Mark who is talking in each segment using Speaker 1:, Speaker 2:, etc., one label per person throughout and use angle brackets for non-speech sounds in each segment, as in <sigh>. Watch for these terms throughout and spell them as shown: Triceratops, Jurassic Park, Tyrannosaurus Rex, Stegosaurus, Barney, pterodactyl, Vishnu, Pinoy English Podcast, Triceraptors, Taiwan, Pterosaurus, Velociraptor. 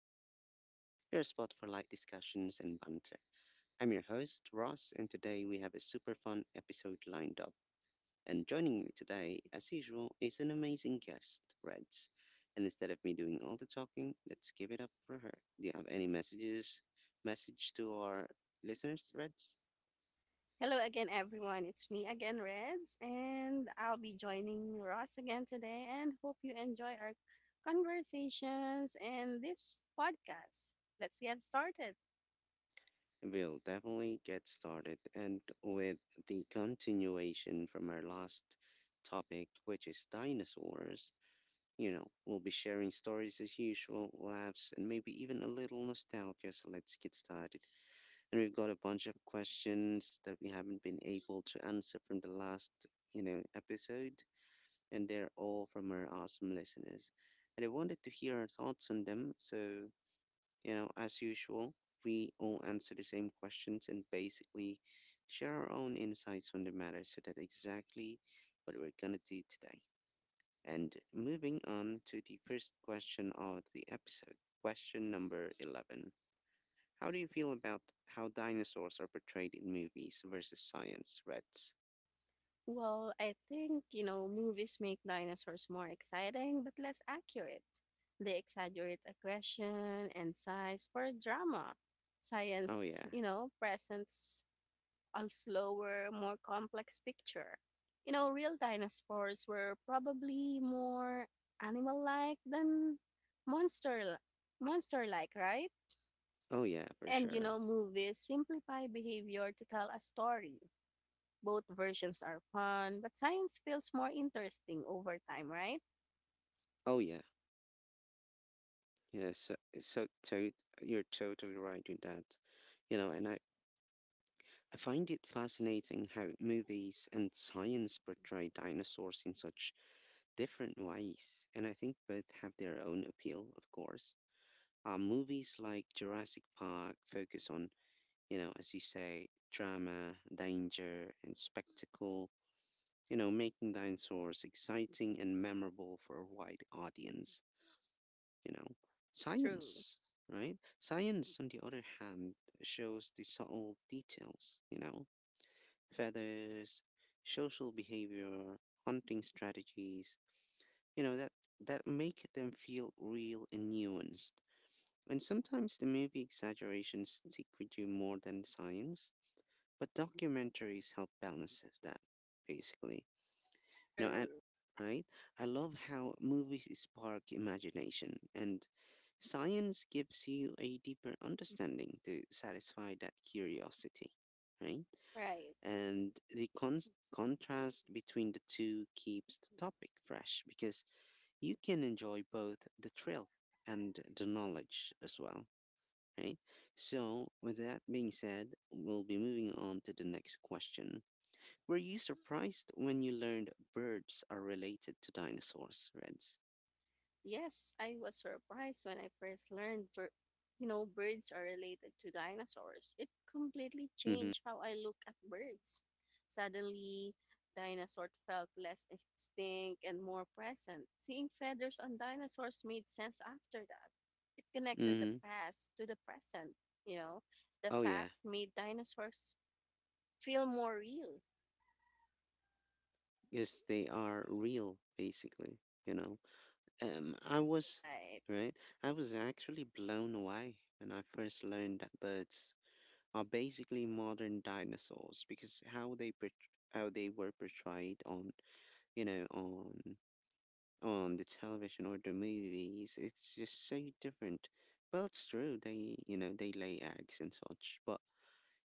Speaker 1: Podcast, your spot for light discussions and banter. I'm your host, Ross, and today we have a super fun episode lined up. And joining me today, as usual, is an amazing guest, Reds. And instead of me doing all the talking, let's give it up for her. Do you have any message to our listeners, Reds?
Speaker 2: Hello again, everyone. It's me again, Reds, and I'll be joining Ross again today. And hope you enjoy our conversations and this podcast. Let's get started.
Speaker 1: We'll definitely get started. And with the continuation from our last topic, which is dinosaurs, we'll be sharing stories as usual, laughs, and maybe even a little nostalgia. So let's get started. And we've got a bunch of questions that we haven't been able to answer from the last, episode. And they're all from our awesome listeners. And I wanted to hear our thoughts on them. So as usual, we all answer the same questions and basically share our own insights on the matter. So that's exactly what we're going to do today. And moving on to the first question of the episode, question number 11. How do you feel about how dinosaurs are portrayed in movies versus science, Reds?
Speaker 2: Well, I think, you know, movies make dinosaurs more exciting, but less accurate. They exaggerate aggression and size for drama.
Speaker 1: Oh,
Speaker 2: Science,
Speaker 1: yeah.
Speaker 2: you know, presents a slower, more complex picture. You know, real dinosaurs were probably more animal-like than monster monster-like, right?
Speaker 1: Oh, yeah, for
Speaker 2: And you
Speaker 1: sure.
Speaker 2: know, movies simplify behavior to tell a story. Both versions are fun, but science feels more interesting over time, right?
Speaker 1: Oh, yeah. Yeah, you're totally right with that. You know, and I find it fascinating how movies and science portray dinosaurs in such different ways, and I think both have their own appeal, of course. Movies like Jurassic Park focus on, as you say, drama, danger, and spectacle, making dinosaurs exciting and memorable for a wide audience, you know.
Speaker 2: True.
Speaker 1: Science, right? Science, on the other hand, shows the subtle details, feathers, social behavior, hunting strategies, you know, that, that make them feel real and nuanced. And sometimes the movie exaggerations stick with you more than science, but documentaries help balances that, basically. No, and
Speaker 2: True.
Speaker 1: right? I love how movies spark imagination and science gives you a deeper understanding to satisfy that curiosity, right?
Speaker 2: Right.
Speaker 1: And the contrast between the two keeps the topic fresh because you can enjoy both the thrill and the knowledge as well, right? So, with that being said, we'll be moving on to the next question. Were you surprised when you learned birds are related to dinosaurs, Reds?
Speaker 2: Yes, I was surprised when I first learned, you know, birds are related to dinosaurs. It completely
Speaker 1: Mm hmm.
Speaker 2: changed how I look at birds. Suddenly, dinosaurs felt less extinct and more present. Seeing feathers on dinosaurs made sense after that. It connected the
Speaker 1: Mm hmm.
Speaker 2: past to the present, you know. The
Speaker 1: Oh, yeah.
Speaker 2: fact made dinosaurs feel more real.
Speaker 1: Yes, they are real, basically, you know? I was,
Speaker 2: Right.
Speaker 1: right? I was actually blown away when I first learned that birds are basically modern dinosaurs because how they were portrayed on, you know, on on the television or the movies, it's just so different. Well, it's true they lay eggs and such, but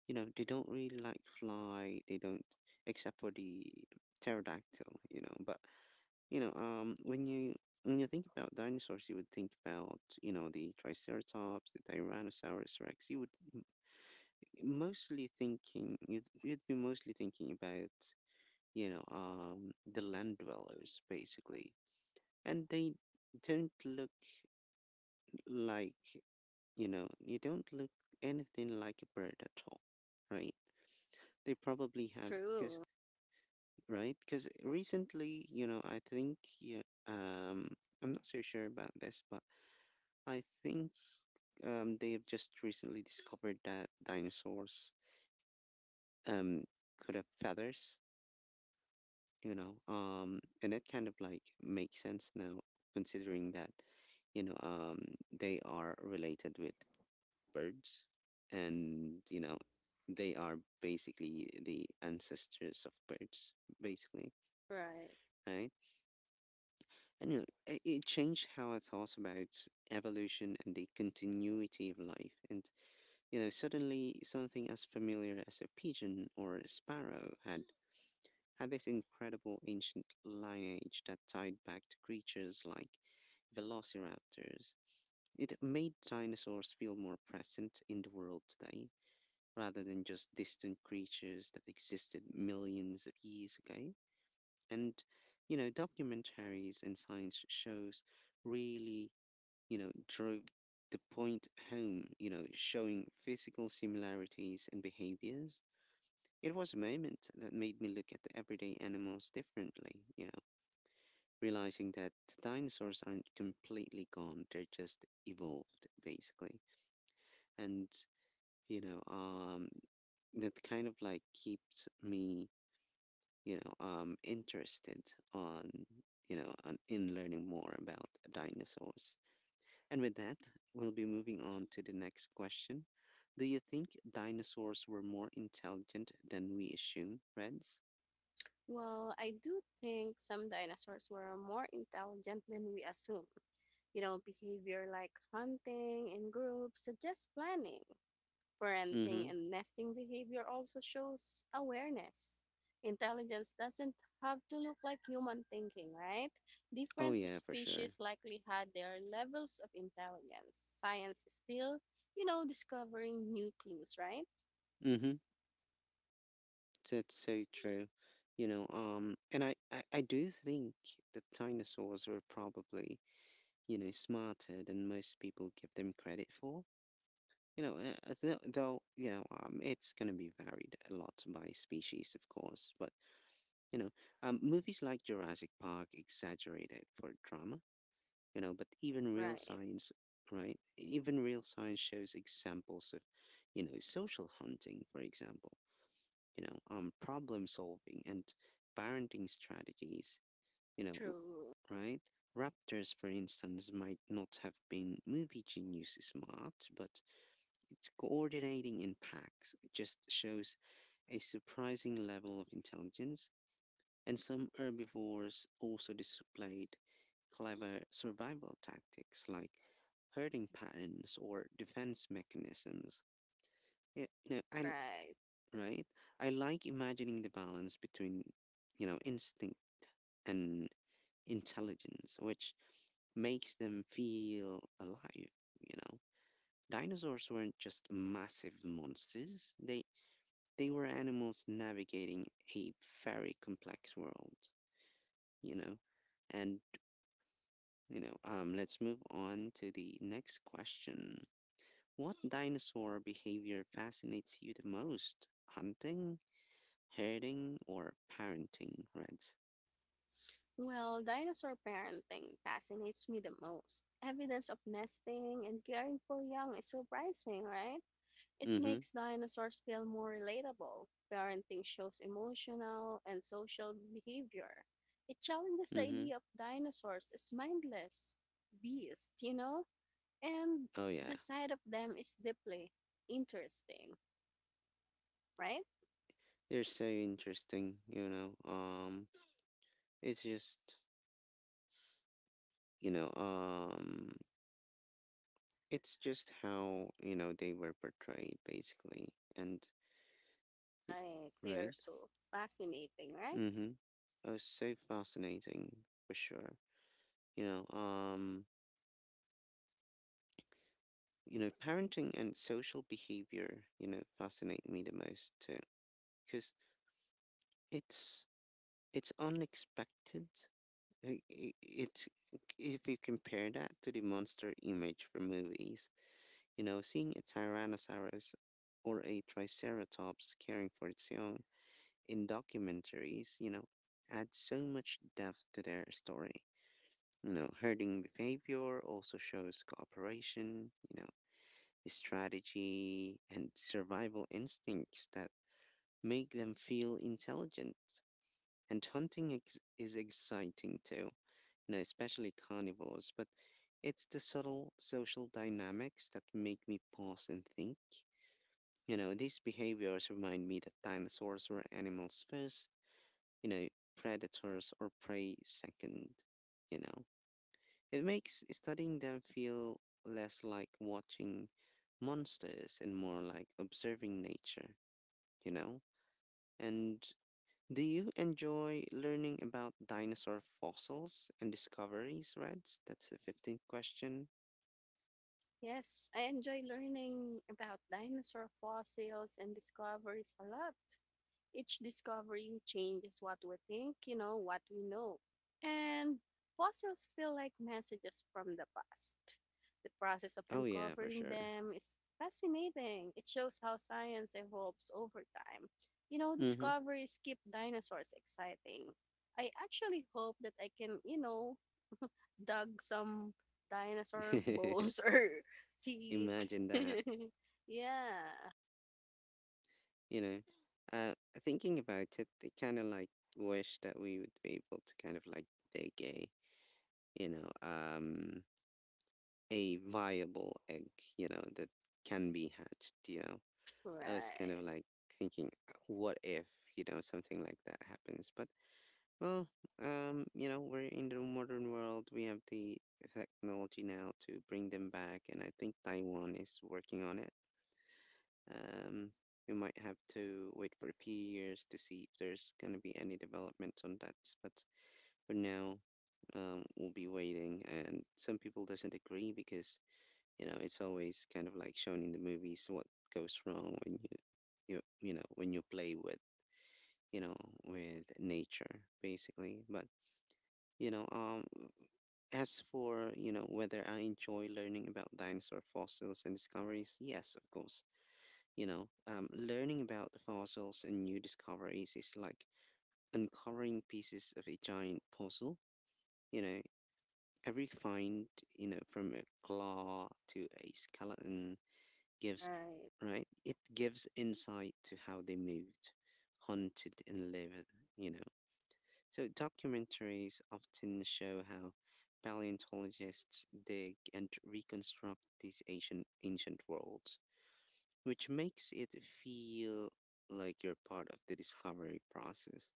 Speaker 1: they don't really like fly. They don't, except for the pterodactyl, but when you think about dinosaurs, you would think about the Triceratops, the Tyrannosaurus Rex. You would m- mostly thinking you'd you'd be mostly thinking about the land dwellers basically, and they don't look like you know you don't look anything like a bird at all, right? They probably have because
Speaker 2: True.
Speaker 1: right because Recently, you know I think yeah I'm not so sure about this, but I think they have just recently discovered that dinosaurs um, could have feathers, and that kind of like makes sense now, considering that, you know, um, they are related with birds, and they are basically the ancestors of birds, basically,
Speaker 2: Right.
Speaker 1: right? And it changed how I thought about evolution and the continuity of life. Suddenly something as familiar as a pigeon or a sparrow had this incredible ancient lineage that tied back to creatures like velociraptors. It made dinosaurs feel more present in the world today, rather than just distant creatures that existed millions of years ago. And, you know, Documentaries and science shows really drove the point home, showing physical similarities and behaviors. It was a moment that made me look at the everyday animals differently, realizing that the dinosaurs aren't completely gone, they're just evolved, basically. And, you know, um, that kind of like keeps me, interested on, in learning more about dinosaurs. And with that, we'll be moving on to the next question. Do you think dinosaurs were more intelligent than we assume, Reds?
Speaker 2: Well, I do think some dinosaurs were more intelligent than we assume. You know, behavior like hunting in groups suggests planning.
Speaker 1: Mm-hmm.
Speaker 2: Parenting and nesting behavior also shows awareness. Intelligence doesn't have to look like human thinking, right?
Speaker 1: Oh
Speaker 2: Different
Speaker 1: yeah, for sure.
Speaker 2: species likely had their levels of intelligence. Science is still, you know, discovering new clues, right?
Speaker 1: Mm-hmm. That's so true. I do think that dinosaurs were probably, smarter than most people give them credit for. You know, it's going to be varied a lot by species, of course. But, you know, movies like Jurassic Park exaggerate it for drama. You know but even real
Speaker 2: Right.
Speaker 1: science right even real science shows examples of social hunting, for example, problem solving, and parenting strategies,
Speaker 2: True.
Speaker 1: right? Raptors, for instance, might not have been movie genius smart, but its coordinating in packs just shows a surprising level of intelligence, and some herbivores also displayed clever survival tactics, like herding patterns or defense mechanisms. Yeah, you know, I l-
Speaker 2: Right.
Speaker 1: right. I like imagining the balance between, instinct and intelligence, which makes them feel alive. You know, Dinosaurs weren't just massive monsters. They were animals navigating a very complex world. You know, and let's move on to the next question. What dinosaur behavior fascinates you the most? Hunting, herding, or parenting, Reds?
Speaker 2: Well, dinosaur parenting fascinates me the most. Evidence of nesting and caring for young is surprising, right? It
Speaker 1: Mm-hmm.
Speaker 2: makes dinosaurs feel more relatable. Parenting shows emotional and social behavior. It challenges the
Speaker 1: Mm-hmm.
Speaker 2: idea of dinosaurs as mindless beasts, you know? And
Speaker 1: Oh yeah.
Speaker 2: the side of them is deeply interesting, right?
Speaker 1: They're so interesting, it's just, you know, um, it's just how, they were portrayed basically. And y-
Speaker 2: Right. They
Speaker 1: right?
Speaker 2: are so fascinating, right?
Speaker 1: Mm-hmm. Oh, so fascinating for sure. You know, um, Parenting and social behavior, fascinate me the most too, because it's it's unexpected. It's if you compare that to the monster image from movies, seeing a Tyrannosaurus or a Triceratops caring for its young in documentaries, adds so much depth to their story. Herding behavior also shows cooperation, strategy, and survival instincts that make them feel intelligent. And is exciting too, especially carnivores, but it's the subtle social dynamics that make me pause and think. These behaviors remind me that dinosaurs were animals first, you know, predators or prey second, you know. It makes studying them feel less like watching monsters and more like observing nature, you know? And do you enjoy learning about dinosaur fossils and discoveries, Reds? That's the 15th question.
Speaker 2: Yes, I enjoy learning about dinosaur fossils and discoveries a lot. Each discovery changes what we think, you know, what we know. And fossils feel like messages from the past. The process of
Speaker 1: Oh, yeah, for
Speaker 2: uncovering
Speaker 1: sure.
Speaker 2: them is fascinating. It shows how science evolves over time. You know,
Speaker 1: Hmm.
Speaker 2: discoveries keep dinosaurs exciting. I actually hope that I can, you know, dug some dinosaur bones <laughs>
Speaker 1: <laughs>
Speaker 2: or teeth.
Speaker 1: Imagine that,
Speaker 2: <laughs> yeah.
Speaker 1: you know? Uh, thinking about it, I kind of like wish that we would be able to kind of like dig a, you know, um, a viable egg, that can be hatched, I was kind of
Speaker 2: Right.
Speaker 1: like thinking, what if, something like that happens? But well, you know, We're in the modern world. We have the technology now to bring them back, and I think Taiwan is working on it. Um, we might have to wait for a few years to see if there's going to be any development on that. But for now, we'll be waiting. And some people doesn't agree because it's always kind of like shown in the movies what goes wrong when you play with you know with nature basically. But you know As for whether I enjoy learning about dinosaur fossils and discoveries, yes, of course. Learning about fossils and new discoveries is like uncovering pieces of a giant puzzle. you know every find, from a claw to a skeleton, gives
Speaker 2: Right.
Speaker 1: right it gives insight to how they moved, hunted, and lived, you know so documentaries often show how paleontologists dig and reconstruct these ancient worlds, which makes it feel like you're part of the discovery process.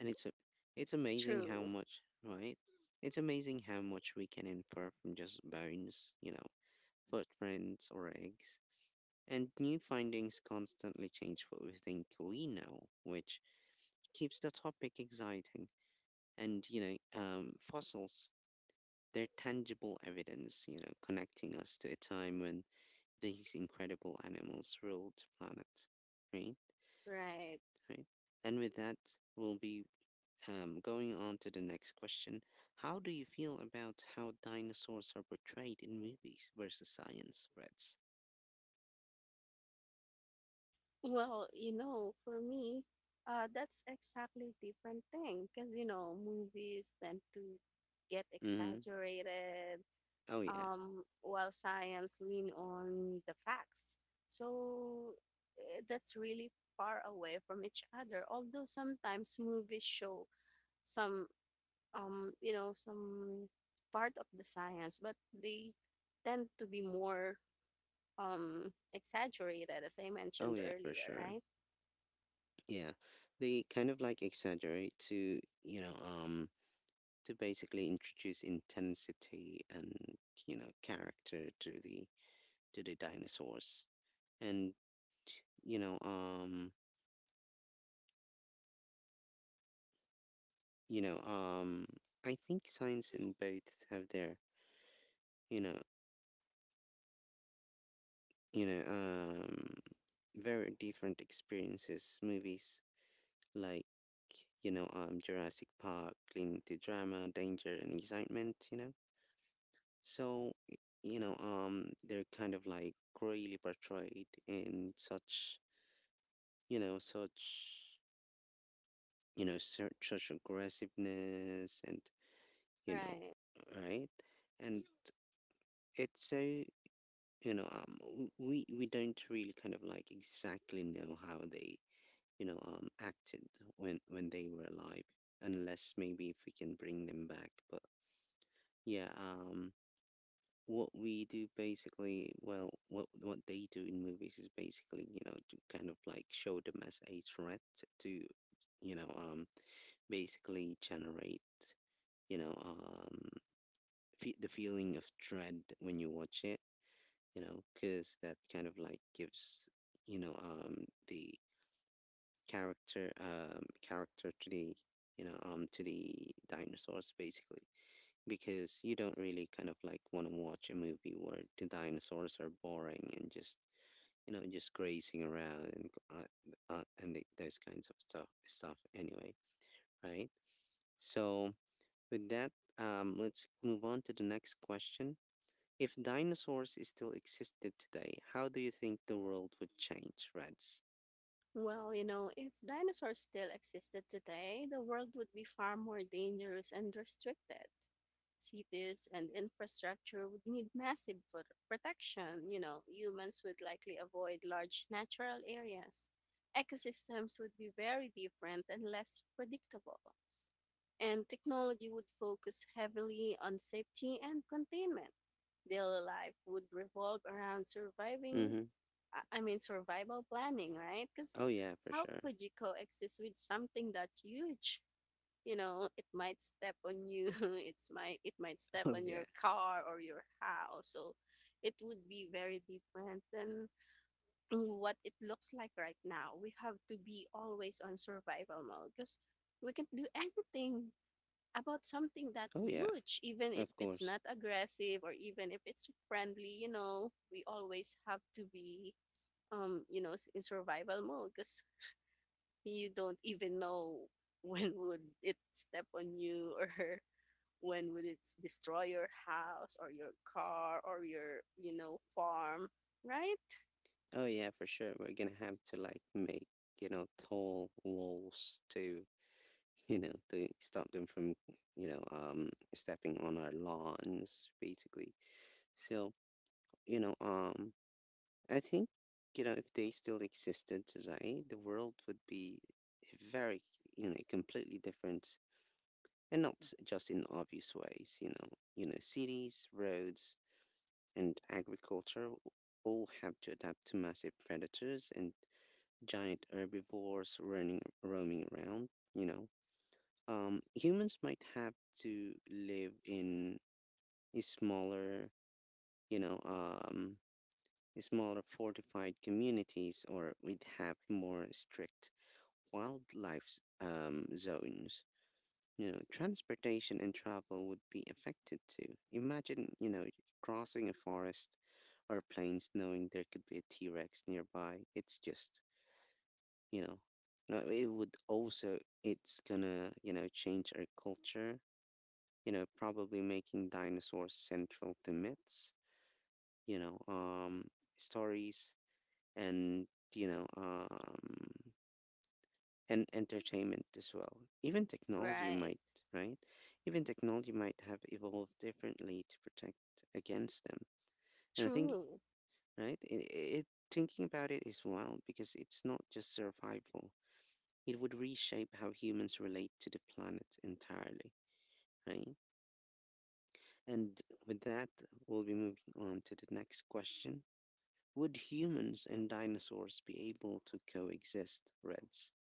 Speaker 1: and it's a, it's amazing how
Speaker 2: True.
Speaker 1: much right it's amazing how much we can infer from just bones, footprints or eggs, and new findings constantly change what we think we know, which keeps the topic exciting. And, fossils, they're tangible evidence, connecting us to a time when these incredible animals ruled the planet. Right?
Speaker 2: Right.
Speaker 1: Right? And with that, we'll be going on to the next question. How do you feel about how dinosaurs are portrayed in movies versus science, Reds?
Speaker 2: Well, you know, for me, that's exactly different thing because you know movies tend to get
Speaker 1: Mm-hmm.
Speaker 2: exaggerated,
Speaker 1: Oh, yeah.
Speaker 2: while science lean on the facts. So eh, that's really far away from each other. Although sometimes movies show some you know some part of the science but they tend to be more exaggerated as I
Speaker 1: Oh,
Speaker 2: mentioned
Speaker 1: yeah, for
Speaker 2: earlier,
Speaker 1: sure.
Speaker 2: right?
Speaker 1: Yeah, they kind of like exaggerate to, to basically introduce intensity and, character to the dinosaurs. And, you know, um, you know, um, I think science and both have their, you know, you know, um, very different experiences. Movies like Jurassic Park, leaning to drama, danger, and excitement. So, y- they're kind of like really portrayed in such, such, such, such aggressiveness and, you
Speaker 2: Right.
Speaker 1: know, right? And it's so, you know, w- we don't really kind of like exactly know how they acted when they were alive, unless maybe if we can bring them back. But yeah, um, what we do basically, well, what they do in movies is basically to kind of like show them as a threat to you know um basically generate you know um the feeling of dread when you watch it, because that kind of like gives the character um character to the to the dinosaurs basically, because you don't really kind of like want to watch a movie where the dinosaurs are boring and just just grazing around and those kinds of stuff anyway, right? So with that, let's move on to the next question. If dinosaurs still existed today, how do you think the world would change, Reds?
Speaker 2: Well, you know, if dinosaurs still existed today, the world would be far more dangerous and restricted. Cities and infrastructure would need massive protection. You know, humans would likely avoid large natural areas. Ecosystems would be very different and less predictable, and technology would focus heavily on safety and containment. Daily life would revolve around surviving,
Speaker 1: Mm-hmm.
Speaker 2: I mean, survival planning, right? Because
Speaker 1: Oh yeah, for
Speaker 2: how
Speaker 1: sure. <laughs>
Speaker 2: could you coexist with something that huge? You know, it might step on you. <laughs> It might step
Speaker 1: Oh
Speaker 2: on your
Speaker 1: yeah.
Speaker 2: car or your house. So it would be very different than what it looks like right now. We have to be always on survival mode because we can do anything about something that
Speaker 1: Oh yeah.
Speaker 2: huge, even if
Speaker 1: Of
Speaker 2: it's
Speaker 1: course.
Speaker 2: not aggressive or even if it's friendly, you know, we always have to be, you know, in survival mode because you don't even know <laughs> when would it step on you <laughs> or when would it destroy your house or your car or your, you know, farm, right?
Speaker 1: Oh yeah, for sure. We're gonna have to like make tall walls to, <laughs> to stop them from stepping on our lawns, basically. So, you know, um I think if they still existed today, the world would be very, completely different and not just in obvious ways, you know. You know, cities, roads, and agriculture all have to adapt to massive predators and giant herbivores running roaming around, you know. Humans might have to live in a you know, um, smaller fortified communities, or we'd have more strict wildlife zones. You know, transportation and travel would be affected too. Imagine, you know, crossing a forest or plains knowing there could be a T Rex nearby. It's just, you know no, it would also, it's gonna, change our culture, probably making dinosaurs central to myths, you know um stories, and you know um and entertainment as well. Even technology
Speaker 2: Right.
Speaker 1: might, right, even technology might have evolved differently to protect against them. And I think
Speaker 2: True.
Speaker 1: right, it thinking about it is wild, because it's not just survival. It would reshape how humans relate to the planet entirely, right? And with that, we'll be moving on to the next question. Would humans and dinosaurs be able to coexist, Reds?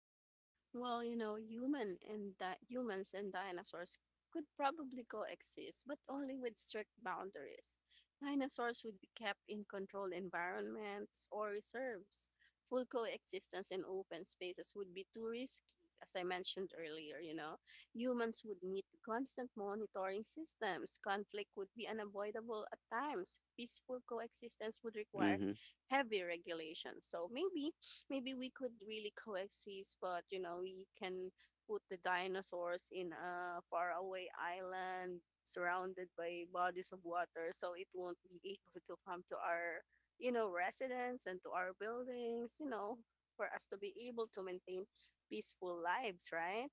Speaker 2: Well, you know, humans and dinosaurs could probably coexist, but only with strict boundaries. Dinosaurs would be kept in controlled environments or reserves. Full coexistence in open spaces would be too risky, as I mentioned earlier, you know. Humans would need constant monitoring systems. Conflict would be unavoidable at times. Peaceful coexistence would require
Speaker 1: Mm-hmm.
Speaker 2: heavy regulation. So maybe we could really coexist, but you know, we can put the dinosaurs in a faraway island surrounded by bodies of water, so it won't be <laughs> able to come to our, you know, residence and to our buildings, you know, for us to be able to maintain peaceful lives, right?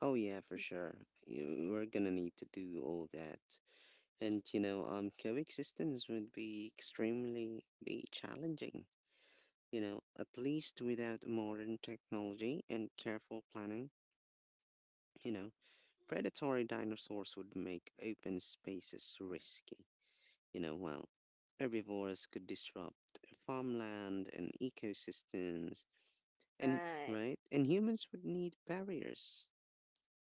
Speaker 1: Oh yeah, for sure. You- we're gonna need to do all that, and coexistence would be extremely be challenging. You know, at least without modern technology and careful planning. You know, predatory dinosaurs would make open spaces risky. You know, well, herbivores could disrupt farmland and ecosystems, and
Speaker 2: Right,
Speaker 1: right, and humans would need barriers,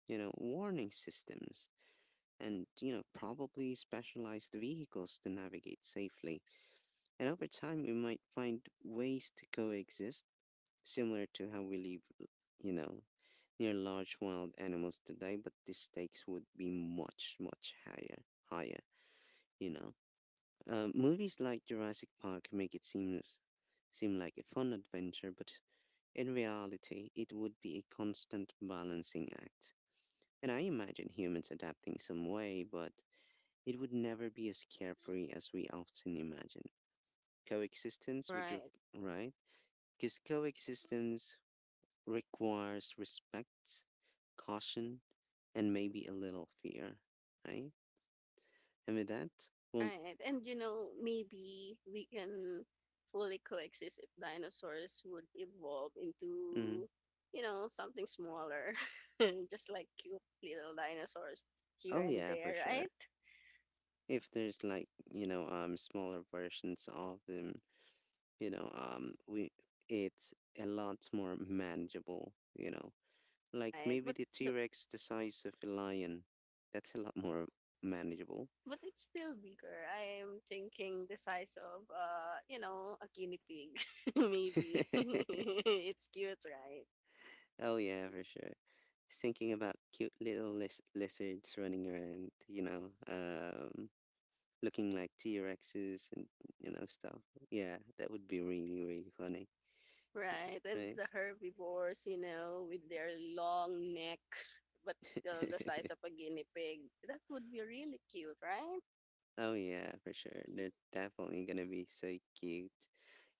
Speaker 1: you know, warning systems, and you know, probably specialized vehicles to navigate safely. And over time, we might find ways to coexist, similar to how we live, you know, near large wild animals today, but the stakes would be much, much higher, you know. Movies like Jurassic Park make it seem like a fun adventure, but in reality, it would be a constant balancing act. And I imagine humans adapting some way, but it would never be as carefree as we often imagine. Coexistence would,
Speaker 2: right.
Speaker 1: re- right? Because coexistence requires respect, caution, and maybe a little fear, right? And with that, well,
Speaker 2: Right. And you know, maybe we can fully coexist if dinosaurs would evolve
Speaker 1: mm,
Speaker 2: into, you know, something smaller, <laughs> just like cute little dinosaurs here
Speaker 1: oh
Speaker 2: and
Speaker 1: yeah, for
Speaker 2: there,
Speaker 1: sure.
Speaker 2: right?
Speaker 1: If there's like smaller versions of them, we it's a lot more manageable, you know. Like
Speaker 2: Right.
Speaker 1: maybe
Speaker 2: But
Speaker 1: the T
Speaker 2: the
Speaker 1: Rex the size of a lion, that's a lot more manageable.
Speaker 2: but it's still bigger. I am thinking the size of you know, a guinea pig <laughs> maybe. <laughs>
Speaker 1: <laughs>
Speaker 2: it's cute, right?
Speaker 1: Oh yeah, for sure. Just thinking about cute little lizards running around, you know. Um, looking like T-Rexes and stuff. Yeah, that would be really really funny,
Speaker 2: Right, and
Speaker 1: right?
Speaker 2: the herbivores, you know, with their long neck, but still the size of
Speaker 1: <laughs>
Speaker 2: a guinea pig. That would be really cute, right?
Speaker 1: Oh yeah, for sure. They're definitely gonna be so cute.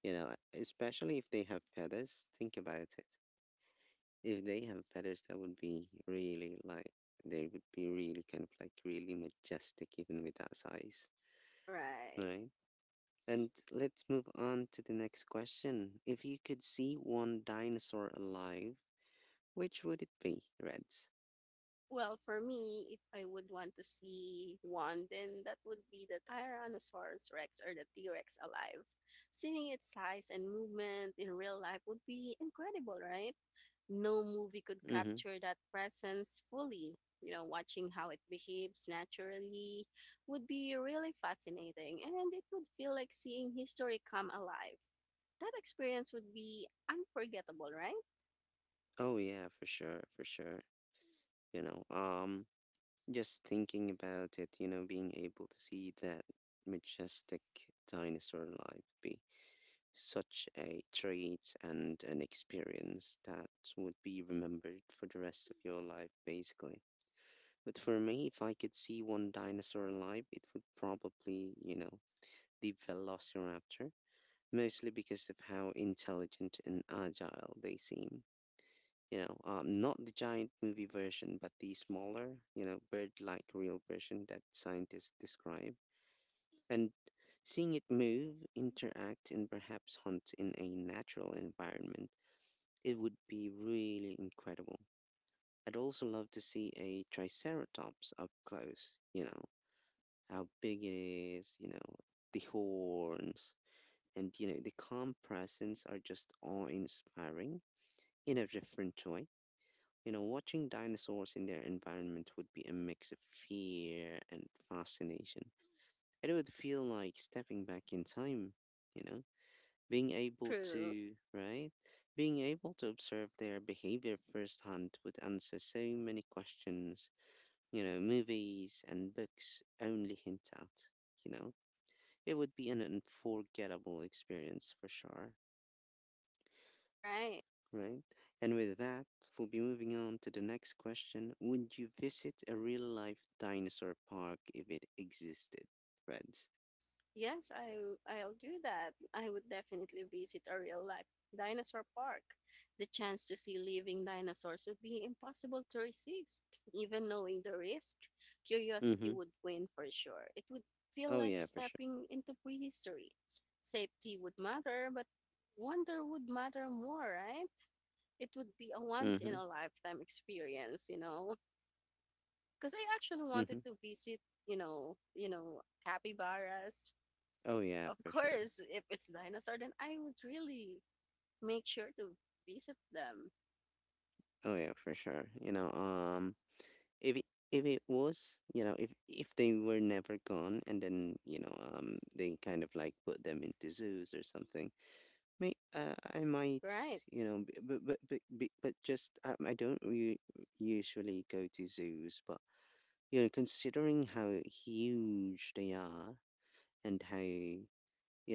Speaker 1: You know, especially if they have feathers. Think about it. If they have feathers, that would be really like they would be really kind of like really majestic even with that size,
Speaker 2: Right.
Speaker 1: right? And let's move on to the next question. If you could see one dinosaur alive, which would it be, Reds?
Speaker 2: Well, for me, if I would want to see one, then that would be the Tyrannosaurus Rex or the T Rex alive. Seeing its size and movement in real life would be incredible, right? No movie could
Speaker 1: Mm-hmm.
Speaker 2: capture that presence fully. You know, watching how it behaves naturally would be really fascinating, and it would feel like seeing history come alive. That experience would be unforgettable, right?
Speaker 1: Oh yeah, for sure, for sure. You know, just thinking about it, you know, being able to see that majestic dinosaur life be such a treat and an experience that would be remembered for the rest of your life, basically. But for me, if I could see one dinosaur alive, it would probably, you know, the Velociraptor, mostly because of how intelligent and agile they seem. You know, not the giant movie version, but the smaller, you know, bird-like real version that scientists describe. And seeing it move, interact, and perhaps hunt in a natural environment, it would be really incredible. I'd also love to see a triceratops up close, you know, how big it is, you know, the horns, and, you know, the calm presence are just awe-inspiring in a different way. You know, watching dinosaurs in their environment would be a mix of fear and fascination. It would feel like stepping back in time, you know, being able
Speaker 2: True,
Speaker 1: to, right? Being able to observe their behavior firsthand would answer so many questions, you know, movies and books only hint at, you know. It would be an unforgettable experience for sure.
Speaker 2: right.
Speaker 1: Right? And with that, we'll be moving on to the next question. Would you visit a real life dinosaur park if it existed, friends?
Speaker 2: Yes, I'll do that. I would definitely visit a real life dinosaur park. The chance to see living dinosaurs would be impossible to resist. Even knowing the risk, curiosity
Speaker 1: Mm-hmm.
Speaker 2: would win for sure. It would feel
Speaker 1: Oh
Speaker 2: like
Speaker 1: yeah, for sure.
Speaker 2: stepping into prehistory. Safety would matter, but wonder would matter more, right? It would be a once in
Speaker 1: Mm-hmm.
Speaker 2: a lifetime experience, you know. Because I actually
Speaker 1: Mm-hmm.
Speaker 2: wanted to visit, you know, capybaras
Speaker 1: Oh yeah,
Speaker 2: of
Speaker 1: for sure.
Speaker 2: course, if it's dinosaur, then I would really make sure to visit them.
Speaker 1: Oh yeah, for sure. You know, if it, if it was, you know, if they were never gone, and then you know, they kind of like put them into zoos or something, may I might,
Speaker 2: Right.
Speaker 1: you know, but just I don't usually go to zoos, but you know, considering how huge they are and how you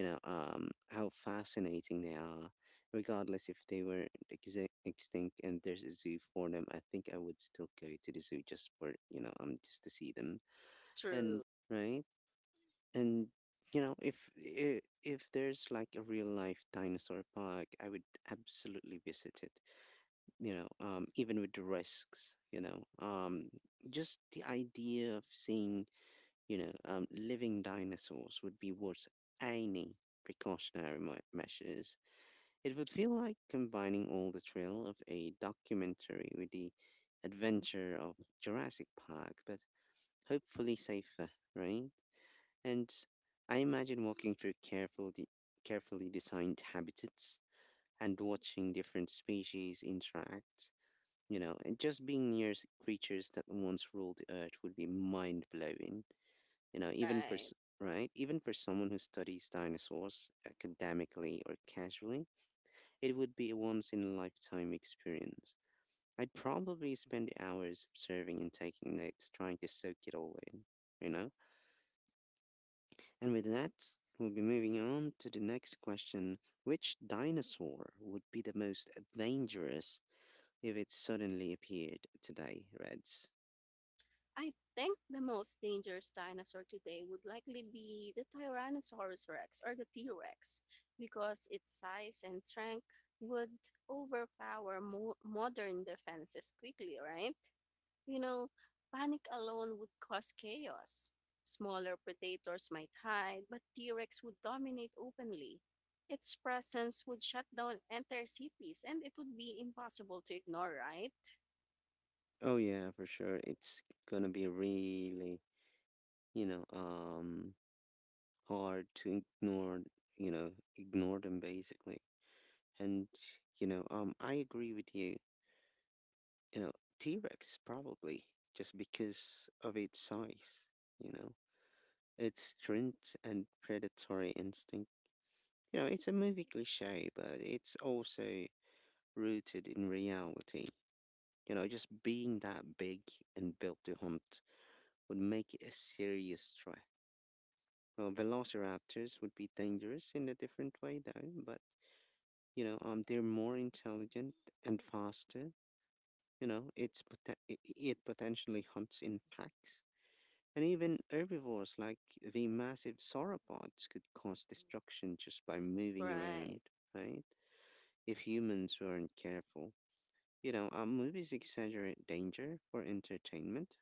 Speaker 1: know um how fascinating they are, regardless if they were extinct and there's a zoo for them, I think I would still go to the zoo just for just to see them. And
Speaker 2: True.
Speaker 1: right, and you know, if if there's like a real life dinosaur park, I would absolutely visit it. Even with the risks, just the idea of seeing living dinosaurs would be worth any precautionary measures. It would feel like combining all the thrill of a documentary with the adventure of Jurassic Park, but hopefully safer, right? And I imagine walking through carefully designed habitats and watching different species interact, you know, and just being near creatures that once ruled the earth would be mind blowing, you know, even for,
Speaker 2: Right.
Speaker 1: s- right? Even for someone who studies dinosaurs academically or casually, it would be a once in a lifetime experience. I'd probably spend hours observing and taking notes, trying to soak it all in, you know? And with that, we'll be moving on to the next question. Which dinosaur would be the most dangerous if it suddenly appeared today, Reds?
Speaker 2: I think the most dangerous dinosaur today would likely be the Tyrannosaurus rex or the T Rex because its size and strength would overpower modern defenses quickly, right? You know, panic alone would cause chaos. Smaller predators might hide, but T Rex would dominate openly. Its presence would shut down entire cities, and it would be impossible to ignore, right?
Speaker 1: Oh yeah, for sure. It's gonna be really, you know, um hard to ignore, you know, ignore them basically. And, I agree with you. You know, T-Rex probably just because of its size, you know, its strength and predatory instinct. You know, it's a movie cliche, but it's also rooted in reality. You know, just being that big and built to hunt would make it a serious threat. Well, velociraptors would be dangerous in a different way, though, but, you know, they're more intelligent and faster. You know, it potentially hunts in packs. And even herbivores like the massive sauropods could cause destruction just by moving
Speaker 2: Right.
Speaker 1: around, right? If humans weren't careful. You know, movies exaggerate danger for entertainment,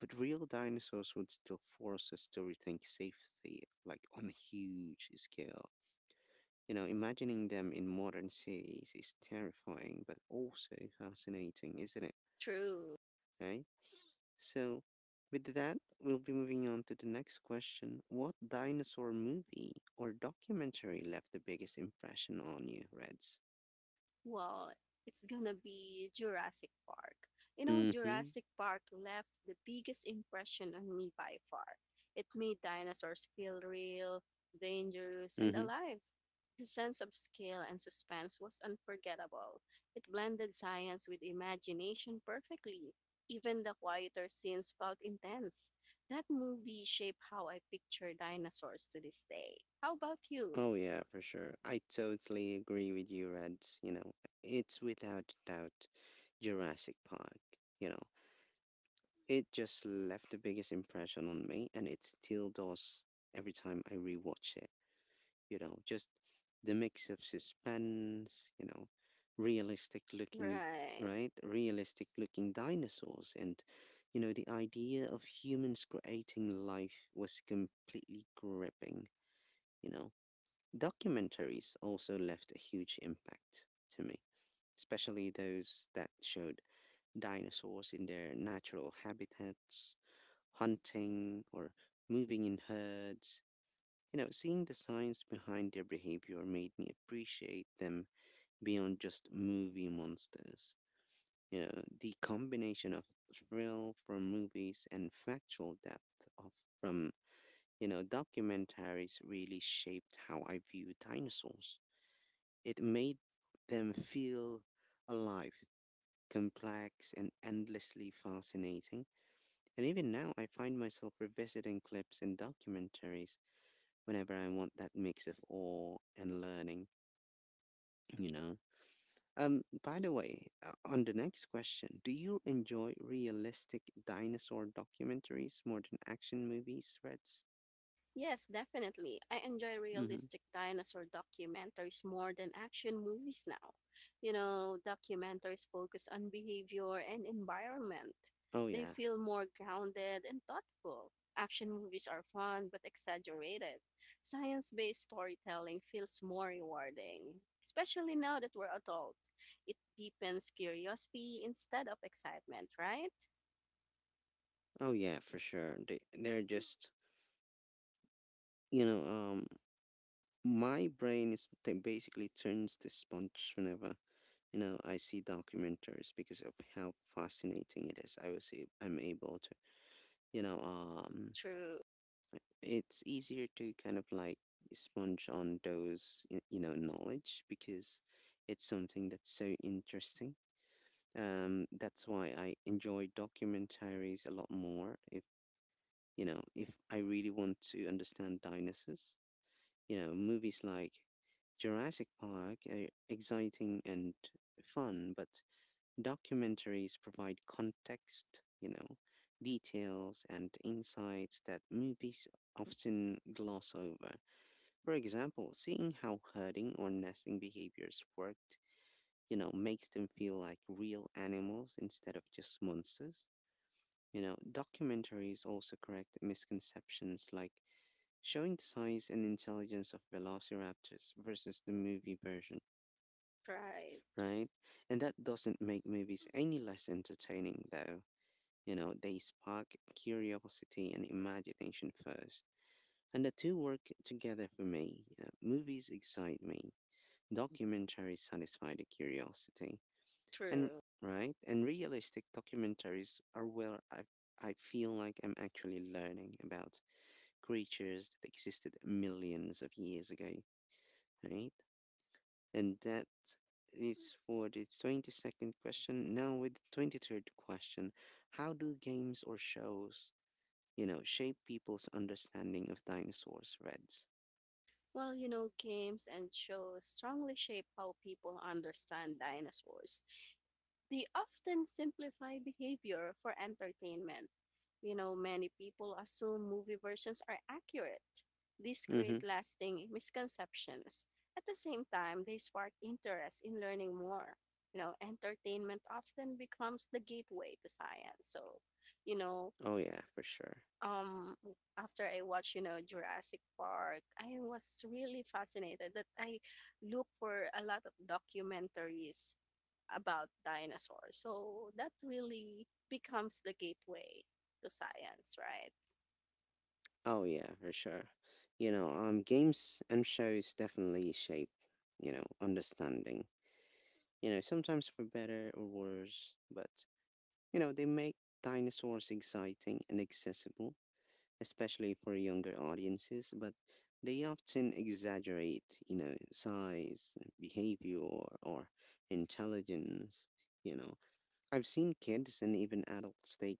Speaker 1: but real dinosaurs would still force us to rethink safety, like on a huge scale. You know, imagining them in modern cities is terrifying, but also fascinating, isn't it?
Speaker 2: True.
Speaker 1: Right? So, with that, we'll be moving on to the next question. What dinosaur movie or documentary left the biggest impression on you, Reds?
Speaker 2: Well, it's gonna be Jurassic Park. You know,
Speaker 1: Mm hmm.
Speaker 2: Jurassic Park left the biggest impression on me by far. It made dinosaurs feel real, dangerous,
Speaker 1: Mm
Speaker 2: and
Speaker 1: hmm.
Speaker 2: alive. The sense of scale and suspense was unforgettable. It blended science with imagination perfectly. Even the quieter scenes felt intense. That movie shaped how I picture dinosaurs to this day. How about you?
Speaker 1: Oh, yeah, for sure. I totally agree with you, Red. You know, it's without doubt Jurassic Park. You know, it just left the biggest impression on me, and it still does every time I rewatch it. You know, just the mix of suspense, you know, realistic looking,
Speaker 2: Right.
Speaker 1: right? Realistic looking dinosaurs, and, you know, the idea of humans creating life was completely gripping. You know, documentaries also left a huge impact to me, especially those that showed dinosaurs in their natural habitats, hunting, or moving in herds. You know, seeing the science behind their behavior made me appreciate them beyond just movie monsters. You know, the combination of thrill from movies and factual depth from, you know, documentaries really shaped how I view dinosaurs. It made them feel alive, complex, and endlessly fascinating. And even now, I find myself revisiting clips and documentaries whenever I want that mix of awe and learning, you know? By the way, on the next question, do you enjoy realistic dinosaur documentaries more than action movies, Reds?
Speaker 2: Yes, definitely. I enjoy
Speaker 1: Mm-hmm.
Speaker 2: realistic dinosaur documentaries more than action movies now. You know, documentaries focus on behavior and environment.
Speaker 1: Oh
Speaker 2: They
Speaker 1: yeah.
Speaker 2: feel more grounded and thoughtful. Action movies are fun but exaggerated. Science based storytelling feels more rewarding, especially now that we're adult. It deepens curiosity instead of excitement, right?
Speaker 1: Oh yeah, for sure. They're just you know, my brain is basically turns to sponge whenever you know I see documentaries because of how fascinating it is. I'm able to you know
Speaker 2: True,
Speaker 1: it's easier to kind of like sponge on those you know knowledge because it's something that's so interesting. That's why I enjoy documentaries a lot more. If you know if I really want to understand dinosaurs, you know, movies like Jurassic Park are exciting and fun, but documentaries provide context, you know, details and insights that movies often gloss over. For example, seeing how herding or nesting behaviors worked, you know, makes them feel like real animals instead of just monsters. You know, documentaries also correct misconceptions like showing the size and intelligence of velociraptors versus the movie version,
Speaker 2: try,
Speaker 1: right? And that doesn't make movies any less entertaining, though. You know, they spark curiosity and imagination first. And the two work together for me. You know, movies excite me, documentaries satisfy the curiosity. And,
Speaker 2: true.
Speaker 1: right? And realistic documentaries are where I feel like I'm actually learning about creatures that existed millions of years ago, right? And that is for the 22nd question. Now, with the 23rd question, how do games or shows, you know, shape people's understanding of dinosaurs, Reds?
Speaker 2: Well, you know, games and shows strongly shape how people understand dinosaurs. They often simplify behavior for entertainment. You know, many people assume movie versions are accurate. These create
Speaker 1: Mm-hmm.
Speaker 2: lasting misconceptions. At the same time, they spark interest in learning more. You know, entertainment often becomes the gateway to science. So, you know,
Speaker 1: Oh, yeah, for sure.
Speaker 2: um after I watched, you know, Jurassic Park, I was really fascinated that I look for a lot of documentaries about dinosaurs. So that really becomes the gateway to science, right?
Speaker 1: Oh, yeah, for sure. You know, games and shows definitely shape, you know, understanding. You know, sometimes for better or worse, but, you know, they make dinosaurs exciting and accessible especially for younger audiences, but they often exaggerate, you know, size, behavior, or intelligence. You know, I've seen kids and even adults take,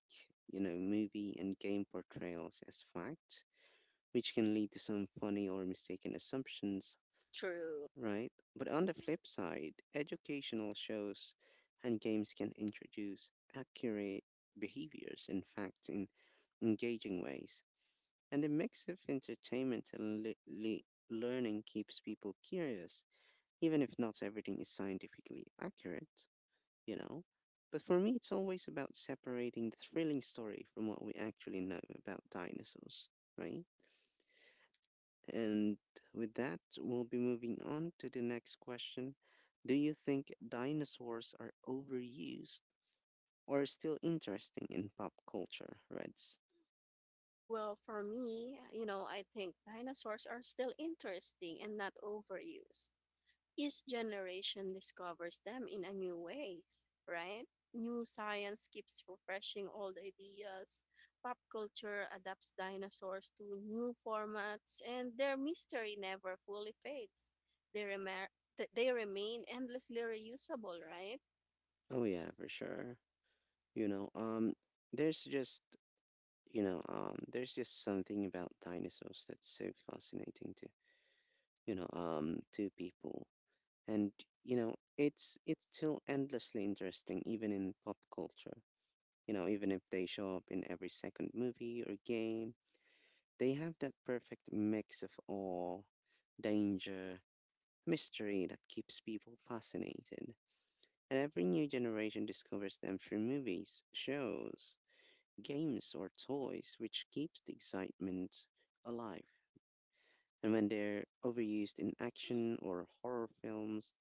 Speaker 1: you know, movie and game portrayals as fact, which can lead to some funny or mistaken assumptions,
Speaker 2: True.
Speaker 1: right? But on the flip side, educational shows and games can introduce accurate behaviors and facts in engaging ways, and the mix of entertainment and learning keeps people curious, even if not everything is scientifically accurate, you know? But for me, it's always about separating the thrilling story from what we actually know about dinosaurs, right? And with that, we'll be moving on to the next question. Do you think dinosaurs are overused or still interesting in pop culture, Reds?
Speaker 2: Well, for me, you know, I think dinosaurs are still interesting and not overused. Each generation discovers them in a new ways, right? New science keeps refreshing old ideas. Pop culture adapts dinosaurs to new formats, and their mystery never fully fades. They, remer- they remain endlessly reusable, right?
Speaker 1: Oh yeah, for sure. You know, there's just there's just something about dinosaurs that's so fascinating to, you know, to people. And, you know, it's still endlessly interesting even in pop culture. You know, even if they show up in every second movie or game, they have that perfect mix of awe, danger, mystery that keeps people fascinated. And every new generation discovers them through movies, shows, games, or toys, which keeps the excitement alive. And when they're overused in action or horror films,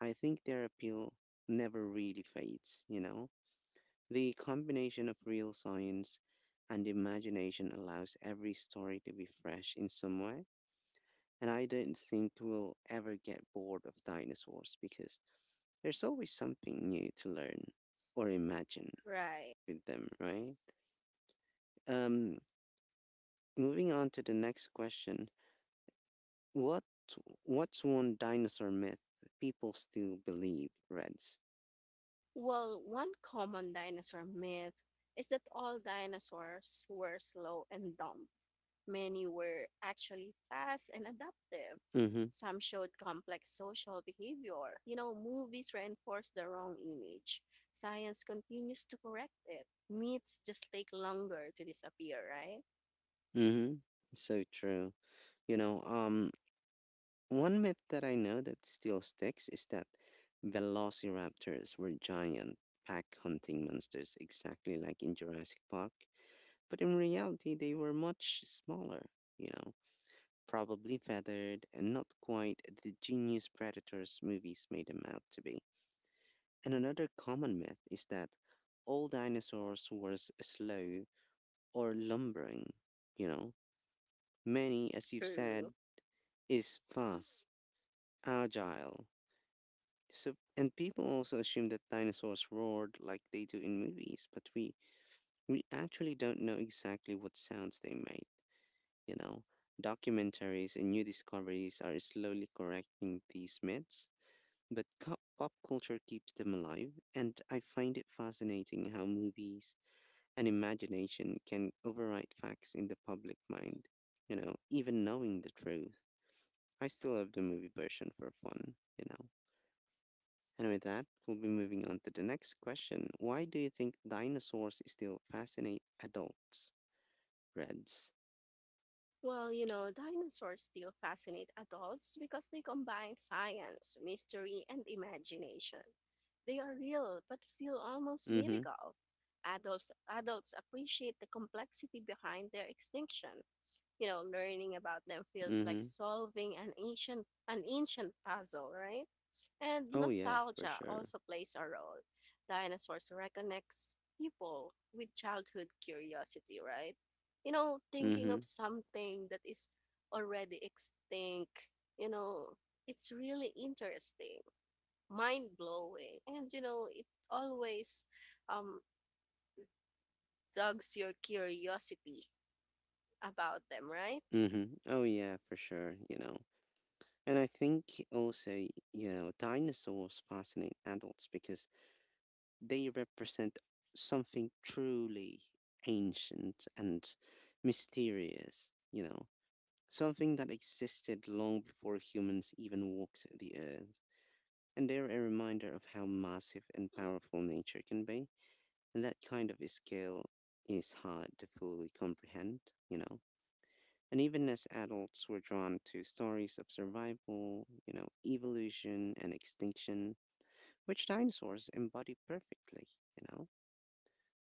Speaker 1: I think their appeal never really fades, you know? The combination of real science and imagination allows every story to be fresh in some way. And I don't think we'll ever get bored of dinosaurs because there's always something new to learn or imagine
Speaker 2: Right.
Speaker 1: with them, right? Um, moving on to the next question. What what's one dinosaur myth people still believe, Reds?
Speaker 2: Well, one common dinosaur myth is that all dinosaurs were slow and dumb. Many were actually fast and adaptive.
Speaker 1: Mhm.
Speaker 2: Some showed complex social behavior. You know, movies reinforce the wrong image. Science continues to correct it. Myths just take longer to disappear, right?
Speaker 1: Mhm. So true. You know, one myth that I know that still sticks is that velociraptors were giant pack hunting monsters exactly like in Jurassic Park, but in reality they were much smaller, you know, probably feathered and not quite the genius predators movies made them out to be. And another common myth is that all dinosaurs were slow or lumbering. You know, many, as you've
Speaker 2: True.
Speaker 1: said, is fast, agile. So, and people also assume that dinosaurs roared like they do in movies, but we actually don't know exactly what sounds they made. You know, documentaries and new discoveries are slowly correcting these myths, but pop culture keeps them alive, and I find it fascinating how movies and imagination can override facts in the public mind, you know, even knowing the truth. I still love the movie version for fun, you know. And with that, we'll be moving on to the next question. Why do you think dinosaurs still fascinate adults, Reds?
Speaker 2: Well, you know, dinosaurs still fascinate adults because they combine science, mystery, and imagination. They are real but feel almost
Speaker 1: Mm-hmm.
Speaker 2: mythical. Adults appreciate the complexity behind their extinction. You know, learning about them feels like
Speaker 1: Mm-hmm.
Speaker 2: solving an ancient puzzle, right? And
Speaker 1: Oh yeah, for
Speaker 2: nostalgia
Speaker 1: sure.
Speaker 2: also plays a role. Dinosaurs reconnects people with childhood curiosity, right? You know, thinking
Speaker 1: Mm-hmm.
Speaker 2: of something that is already extinct, you know, it's really interesting, mind blowing, and you know, it always um dogs your curiosity about them, right?
Speaker 1: Mm-hmm. Oh yeah, for sure, you know. And I think also, you know, dinosaurs fascinate adults because they represent something truly ancient and mysterious, you know, something that existed long before humans even walked the earth. And they're a reminder of how massive and powerful nature can be, and that kind of scale is hard to fully comprehend, you know. And even as adults, we're drawn to stories of survival, you know, evolution and extinction, which dinosaurs embody perfectly, you know?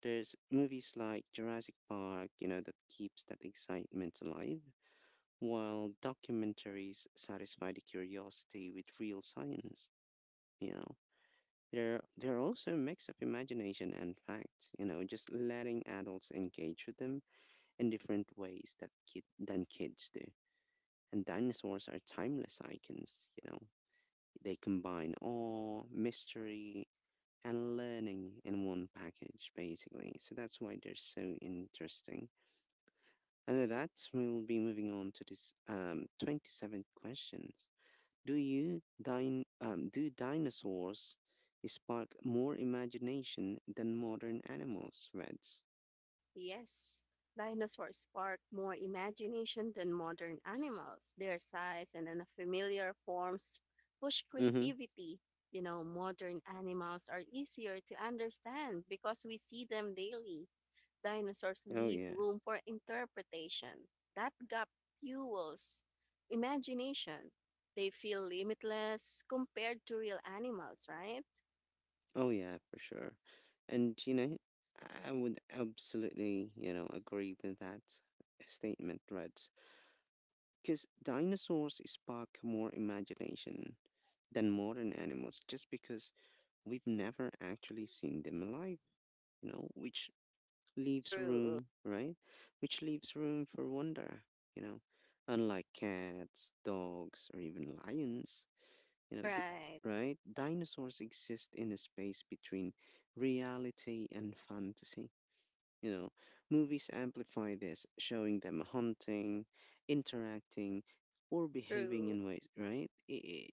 Speaker 1: There's movies like Jurassic Park, you know, that keeps that excitement alive, while documentaries satisfy the curiosity with real science, you know. They're also a mix of imagination and facts, you know, just letting adults engage with them in different ways that than kids do. And dinosaurs are timeless icons, you know. They combine awe, mystery, and learning in one package, basically. So that's why they're so interesting. And with that, we'll be moving on to this 27th question. Do dinosaurs spark more imagination than modern animals, Reds?
Speaker 2: Yes, dinosaurs sparked more imagination than modern animals. Their size and unfamiliar forms push
Speaker 1: Mm-hmm.
Speaker 2: creativity. You know, modern animals are easier to understand because we see them daily. Dinosaurs
Speaker 1: Oh
Speaker 2: leave
Speaker 1: yeah.
Speaker 2: room for interpretation. That gap fuels imagination. They feel limitless compared to real animals, right?
Speaker 1: Oh yeah, for sure. And you know, I would absolutely, you know, agree with that statement, Reds. Because dinosaurs spark more imagination than modern animals just because we've never actually seen them alive, you know, which leaves
Speaker 2: True.
Speaker 1: room, right? Which leaves room for wonder, you know, unlike cats, dogs, or even lions, you know,
Speaker 2: Right.
Speaker 1: right? Dinosaurs exist in a space between reality and fantasy. You know, movies amplify this, showing them hunting, interacting, or behaving
Speaker 2: True.
Speaker 1: in ways, right? I- i-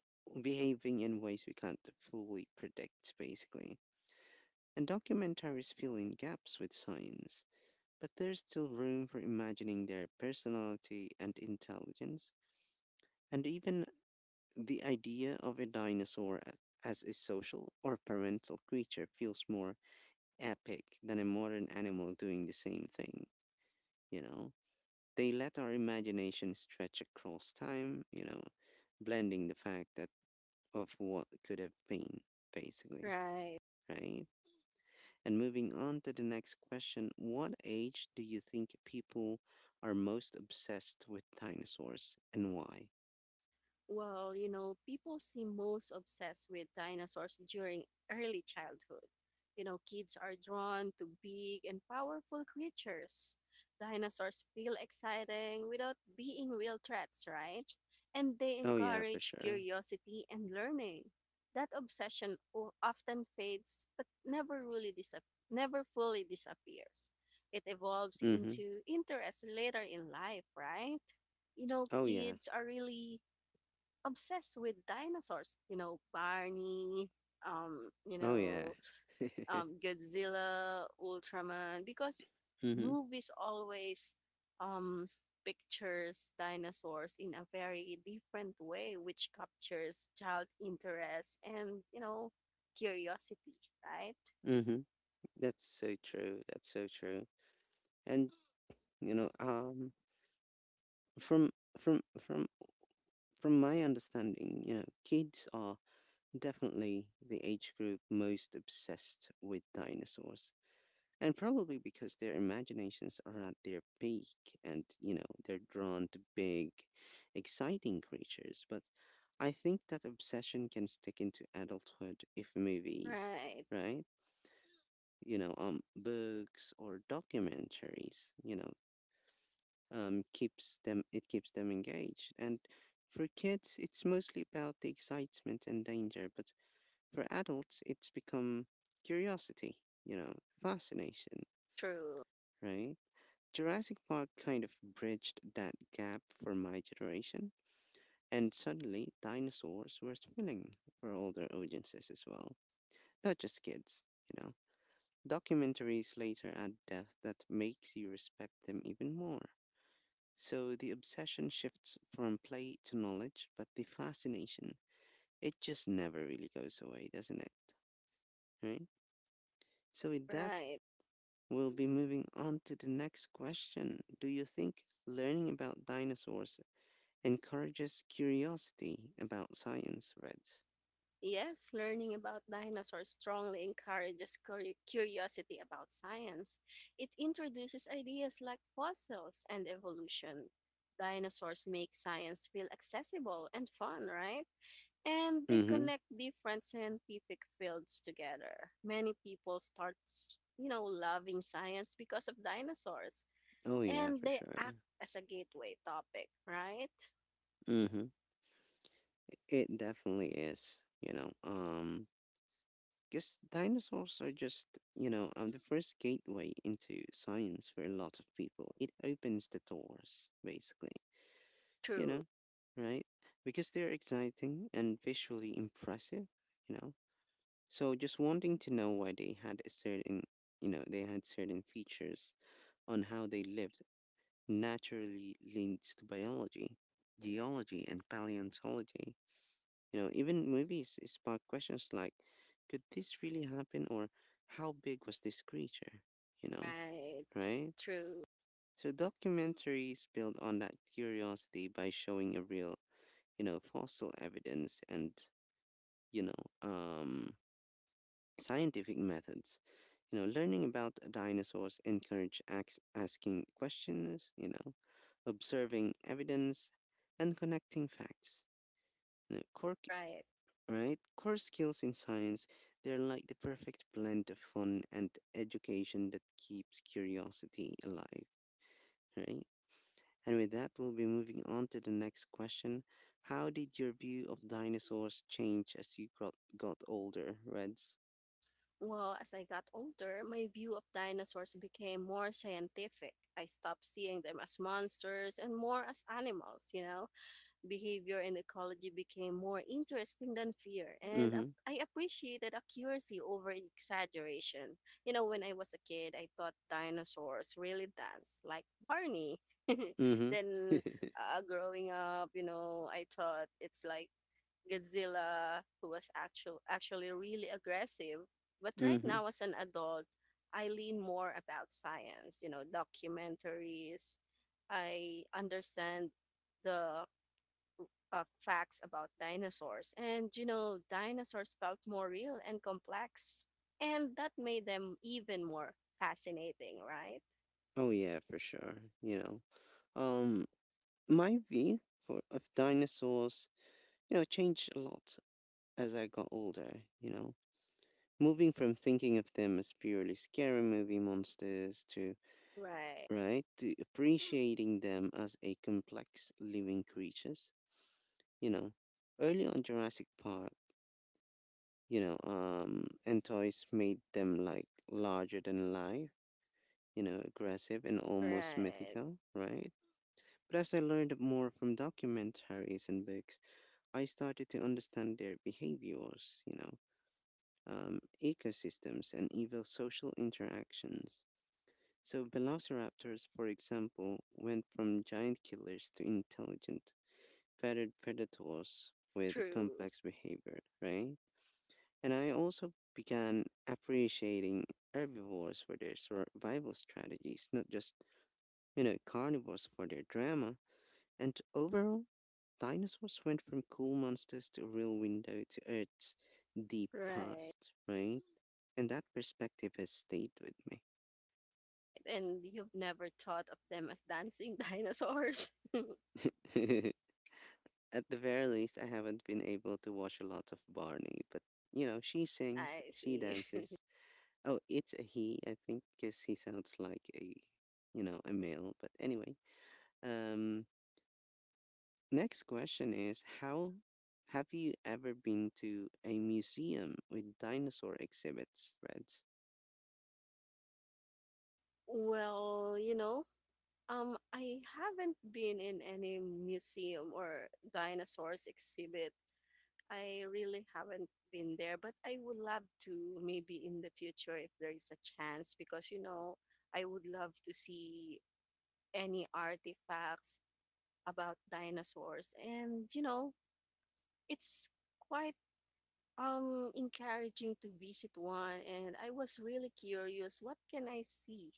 Speaker 1: i- behaving in ways we can't fully predict, basically, and documentaries fill in gaps with science, but there's still room for imagining their personality and intelligence, and even the idea of a as a social or parental creature feels more epic than a modern animal doing the same thing, you know? They let our imagination stretch across time, you know, blending the fact that of what could have been, basically,
Speaker 2: Right.
Speaker 1: right? And moving on to the next question, what age do you think people are most obsessed with dinosaurs and why?
Speaker 2: Well, you know, people seem most obsessed with dinosaurs during early childhood. You know, kids are drawn to big and powerful creatures. Dinosaurs feel exciting without being real threats, right? And they
Speaker 1: Oh yeah, for
Speaker 2: encourage
Speaker 1: sure.
Speaker 2: curiosity and learning. That obsession often fades but never really never fully disappears. It evolves
Speaker 1: Mhm.
Speaker 2: into interest later in life, right? You know,
Speaker 1: Oh yeah.
Speaker 2: kids are really obsessed with dinosaurs. You know, Barney, um, you
Speaker 1: Oh yeah.
Speaker 2: know,
Speaker 1: <laughs>
Speaker 2: Godzilla, Ultraman, because
Speaker 1: Mhm.
Speaker 2: movies always um, pictures dinosaurs in a very different way, which captures child interest and, you know, curiosity, right?
Speaker 1: Mhm. That's so true. That's so true. And you know, from from from my understanding, you know, kids are definitely the age group most obsessed with dinosaurs. And probably because their imaginations are at their peak and, you know, they're drawn to big, exciting creatures. But I think that obsession can stick into adulthood if movies,
Speaker 2: Right.
Speaker 1: right? You know, books or documentaries, you know, keeps them, it keeps them engaged. And for kids, it's mostly about the excitement and danger. But for adults, it's become curiosity, you know, fascination,
Speaker 2: True.
Speaker 1: right? Jurassic Park kind of bridged that gap for my generation, and suddenly dinosaurs were thrilling for older audiences as well, not just kids, you know. Documentaries later add depth that makes you respect them even more. So the obsession shifts from play to knowledge, but the fascination, it just never really goes away, doesn't it? Right? So with that,
Speaker 2: Right.
Speaker 1: we'll be moving on to the next question. Do you think learning about dinosaurs encourages curiosity about science, threads?
Speaker 2: Yes, learning about dinosaurs strongly encourages curiosity about science. It introduces ideas like fossils and evolution. Dinosaurs make science feel accessible and fun, right? And they
Speaker 1: Mm-hmm.
Speaker 2: connect different scientific fields together. Many people start, you know, loving science because of dinosaurs,
Speaker 1: Oh yeah,
Speaker 2: and
Speaker 1: for
Speaker 2: they
Speaker 1: sure.
Speaker 2: act as a gateway topic, right?
Speaker 1: Mm-hmm. It definitely is, you know. Because dinosaurs are just, you know, the first gateway into science for a lot of people. It opens the doors, basically, you
Speaker 2: True,
Speaker 1: know, right? Because they're exciting and visually impressive, you know. So just wanting to know why they had a certain, you know, they had certain features on how they lived naturally leads to biology, geology, and paleontology. You know, even movies spark questions like, could this really happen or how big was this creature? You know,
Speaker 2: right,
Speaker 1: right?
Speaker 2: true,
Speaker 1: So documentaries build on that curiosity by showing a real, you know, fossil evidence and, you know, scientific methods. You know, learning about dinosaurs encourage asking questions, you know, observing evidence and connecting facts. You know,
Speaker 2: right.
Speaker 1: right? Core skills in science, they're like the perfect blend of fun and education that keeps curiosity alive, right? And with that, we'll be moving on to the next question. How did your view of dinosaurs change as you got older, Reds?
Speaker 2: Well, as I got older, my view of dinosaurs became more scientific. I stopped seeing them as monsters and more as animals, you know. Behavior and ecology became more interesting than fear, and
Speaker 1: Mm-hmm.
Speaker 2: I appreciated accuracy over exaggeration. You know, when I was a kid, I thought dinosaurs really danced like Barney. <laughs>
Speaker 1: Mm-hmm.
Speaker 2: Then
Speaker 1: <laughs>
Speaker 2: growing up, you know, I thought it's like Godzilla, who was actually really aggressive. But right
Speaker 1: Mm-hmm.
Speaker 2: now, as an adult, I lean more about science, you know, documentaries. I understand the facts about dinosaurs. And, you know, dinosaurs felt more real and complex. And that made them even more fascinating, right?
Speaker 1: Oh yeah, for sure. You know, um, my view for of dinosaurs, you know, changed a lot as I got older. You know, moving from thinking of them as purely scary movie monsters to
Speaker 2: Right,
Speaker 1: right to appreciating them as a complex living creatures. You know, early on Jurassic Park, and toys made them like larger than life. You know, aggressive and almost
Speaker 2: right.
Speaker 1: mythical, right? But as I learned more from documentaries and books, I started to understand their behaviors, ecosystems, and even social interactions. So, velociraptors, for example, went from giant killers to intelligent, feathered predators with
Speaker 2: True,
Speaker 1: complex behavior, right? And I also began appreciating herbivores for their survival strategies, not just, you know, carnivores for their drama. And overall, dinosaurs went from cool monsters to a real window to Earth's deep
Speaker 2: right.
Speaker 1: past, right? And that perspective has stayed with me.
Speaker 2: Right. And you've never thought of them as dancing <laughs> dinosaurs.
Speaker 1: <laughs> At the very least, I haven't been able to watch a lot of Barney, but you know, she sings,
Speaker 2: I
Speaker 1: she
Speaker 2: see. <laughs>
Speaker 1: dances. Oh, it's a he, I think, because he sounds like a, you know, a male. But anyway, um, next question is how have you ever been to a museum with dinosaur exhibits, Reds?
Speaker 2: Well, you know, I haven't been in any museum or dinosaurs exhibit. I really haven't been there, but I would love to maybe in the future if there is a chance because, you know, I would love to see any artifacts about dinosaurs. And, you know, it's quite encouraging to visit one and I was really curious what can I see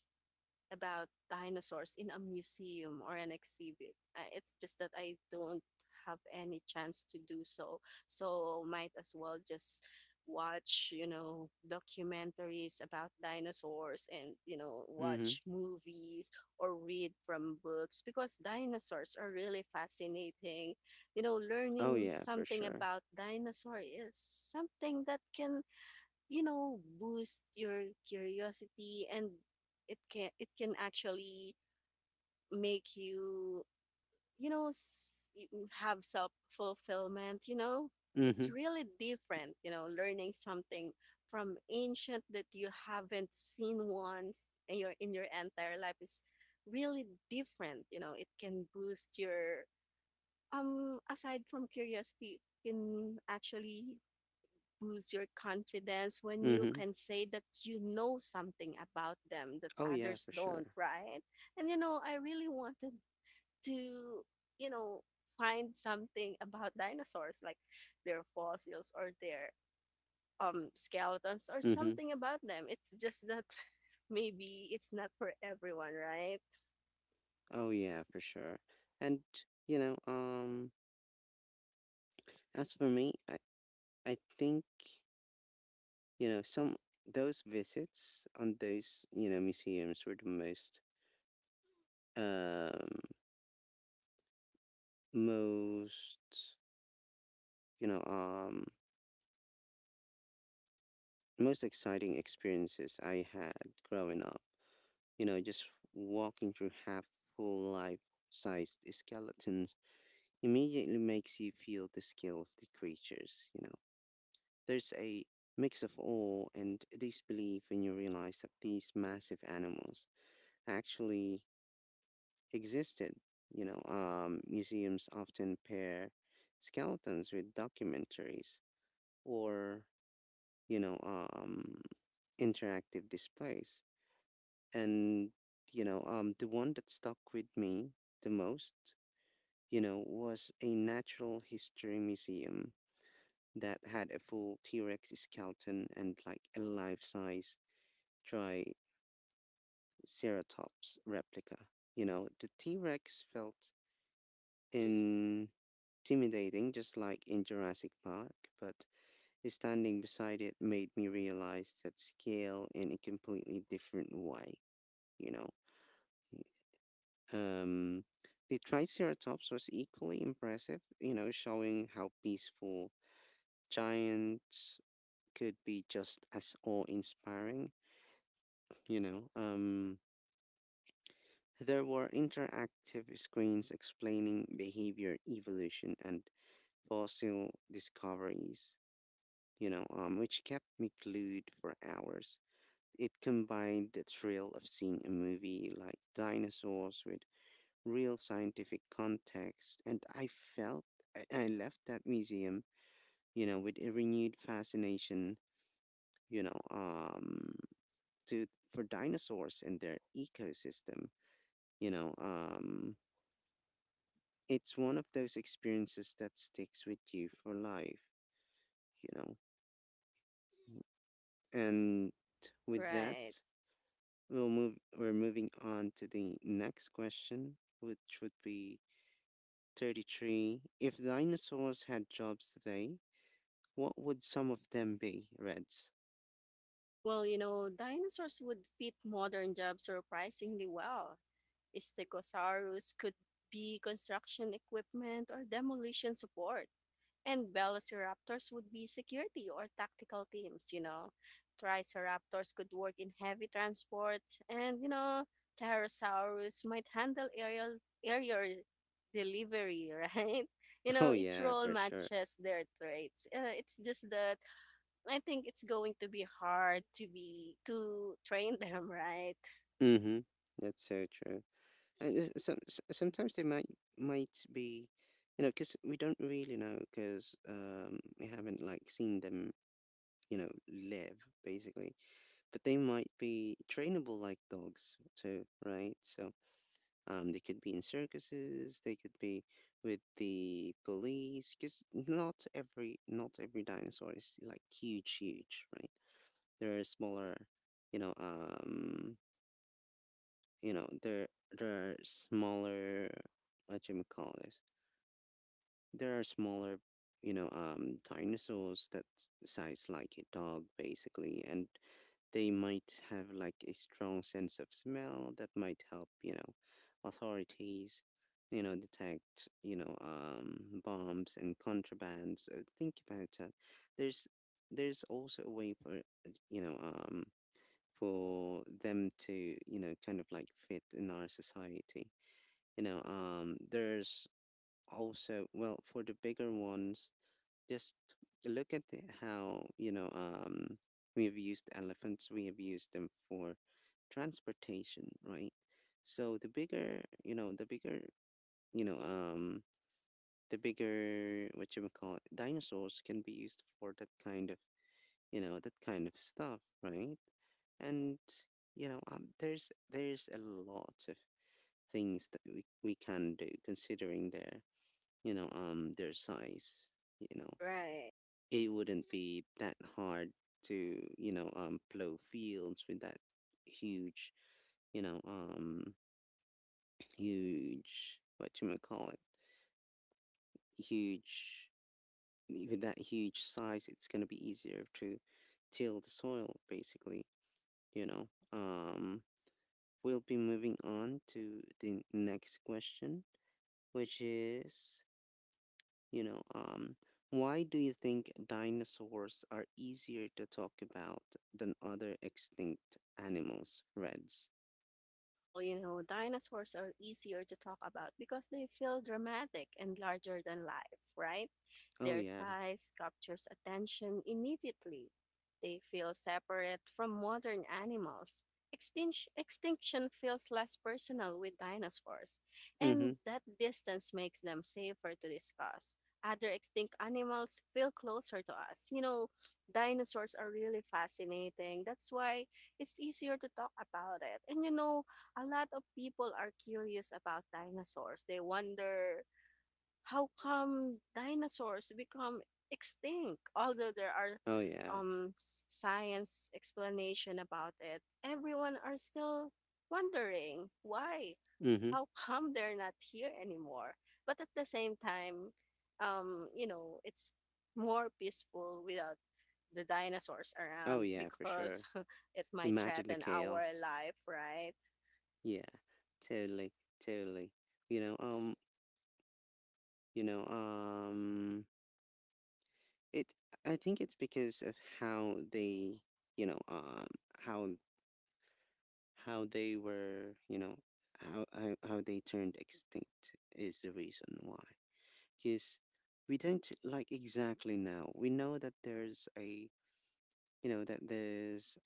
Speaker 2: about dinosaurs in a museum or an exhibit. It's just that I don't have any chance to do so. So might as well just watch, you know, documentaries about dinosaurs and, you know, watch movies or read from books because dinosaurs are really fascinating. You know,
Speaker 1: Oh
Speaker 2: learning
Speaker 1: yeah, for
Speaker 2: something
Speaker 1: sure.
Speaker 2: about dinosaur is something that can, you know, boost your curiosity and it can actually make you, you know, have self-fulfillment, you know. It's
Speaker 1: Mhm.
Speaker 2: really different, you know, learning something from ancient that you haven't seen once in your entire life is really different, you know. It can boost your aside from curiosity, it can actually boosts your confidence when you
Speaker 1: Mhm.
Speaker 2: can say that you know something about them that
Speaker 1: Oh yeah,
Speaker 2: others
Speaker 1: for sure.
Speaker 2: don't, right? And you know, I really wanted to, you know, find something about dinosaurs, like their fossils or their skeletons or
Speaker 1: Mhm.
Speaker 2: something about them. It's just that <laughs> maybe it's not for everyone, right?
Speaker 1: Oh yeah, for sure. And you know, um as for me, I think, you know, some those visits on those, you know, museums were the most um most, you know, um most exciting experiences I had growing up. You know, just walking through half full life sized skeletons immediately makes you feel the scale of the creatures, you know. There's a mix of awe and disbelief when you realize that these massive animals actually existed. Museums often pair skeletons with documentaries or, you know, um, interactive displays. And, the one that stuck with me the most, you know, was a natural history museum that had a full T Rex skeleton and like a life size Triceratops replica. You know, the T Rex felt intimidating, just like in Jurassic Park, but standing beside it made me realize that scale in a completely different way, you know. Um, the Triceratops was equally impressive, you know, showing how peaceful giants could be just as awe inspiring. you know um there were interactive screens explaining behavior evolution and fossil discoveries, which kept me glued for hours. It combined the thrill of seeing a movie like dinosaurs with real scientific context and felt I left that museum, you know, with a renewed fascination, you know to for dinosaurs and their ecosystem. you know um It's one of those experiences that sticks with you for life, you know. And with that,
Speaker 2: Right.
Speaker 1: we're moving on to the next question, which would be 33. If dinosaurs had jobs today, what would some of them be, Reds?
Speaker 2: Well, you know, dinosaurs would fit modern jobs surprisingly well. Stegosaurus could be construction equipment or demolition support. And velociraptors would be security or tactical teams, you know. Triceraptors could work in heavy transport, and you know, Pterosaurus might handle aerial delivery, right? <laughs> You
Speaker 1: <laughs>
Speaker 2: know,
Speaker 1: Oh
Speaker 2: its
Speaker 1: yeah,
Speaker 2: role
Speaker 1: for sure.
Speaker 2: matches their traits. It's just that I think it's going to be hard to be to train <laughs> them, right?
Speaker 1: Mm-hmm. That's so true. And sometimes they might be, you know, because we don't really know because we haven't like seen them, you know, live basically. But they might be trainable like dogs too, right? So they could be in circuses, they could be with the police, because not every dinosaur is like huge, huge, right? There are smaller, you know, um, you know, there there are smaller, what you call this? There are smaller, dinosaurs that size like a dog, basically, and they might have like a strong sense of smell that might help, you know, authorities, you know, detect, bombs and contrabands. Think about that. There's there's also a way for, for them to, you know, kind of like fit in our society. There's also, well, for the bigger ones, just look at how, we have used elephants, we have used them for transportation, right? So the bigger, you know um the bigger what you would call it dinosaurs can be used for that kind of, that kind of stuff, right? And, there's a lot of things that we can do considering their, their size, you know,
Speaker 2: Right.
Speaker 1: it wouldn't be that hard to, plow fields with that huge, you know huge what you might call it huge. With that huge size it's going to be easier to till the soil, basically, you know. um we'll be moving on to the next question, which is: You know, um, why do you think dinosaurs are easier to talk about than other extinct animals, Reds?
Speaker 2: Well, you know, dinosaurs are easier to talk about because they feel dramatic and larger than life, right?
Speaker 1: Oh,
Speaker 2: Their
Speaker 1: yeah.
Speaker 2: size captures attention immediately. They feel separate from modern animals. Extinction feels less personal with dinosaurs, and
Speaker 1: Mm-hmm.
Speaker 2: that distance makes them safer to discuss. Other extinct animals feel closer to us. You know, dinosaurs are really fascinating. That's why it's easier to talk about it. And you know, a lot of people are curious about dinosaurs. They wonder how come dinosaurs become extinct, although there are
Speaker 1: Oh, yeah.
Speaker 2: um, science explanation about it. Everyone are still wondering why,
Speaker 1: Mm-hmm.
Speaker 2: how come they're not here anymore. But at the same time, you know, it's more peaceful without the dinosaurs
Speaker 1: Oh,
Speaker 2: around
Speaker 1: yeah, for sure.
Speaker 2: because <laughs> it might
Speaker 1: Imagine the
Speaker 2: threaten our
Speaker 1: chaos.
Speaker 2: life, right?
Speaker 1: Yeah, totally, totally. You know, um, you know, um, it, I think it's because of how they, you know, how how they were, how they turned extinct is the reason why. Because we don't like exactly know. We know that there's a, you know, that there's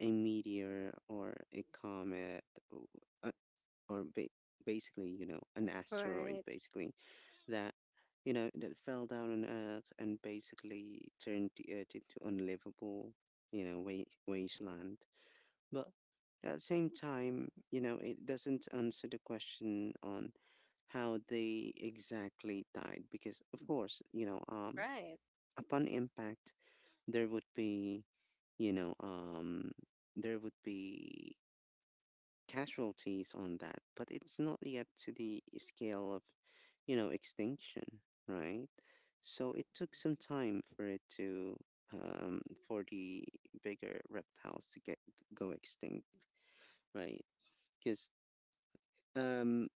Speaker 1: a meteor or a comet or, uh, or ba- basically, you know, an asteroid,
Speaker 2: Right.
Speaker 1: basically, that, you know, that fell down on Earth and basically turned the Earth into unlivable, you know, wasteland. But at the same time, you know, it doesn't answer the question on how they exactly died because of course, you know,
Speaker 2: Right,
Speaker 1: upon impact there would be, you know, um there would be casualties on that, but it's not yet to the scale of, you know, extinction, right? So it took some time for it to, um for the bigger reptiles to get go extinct, right? Because, um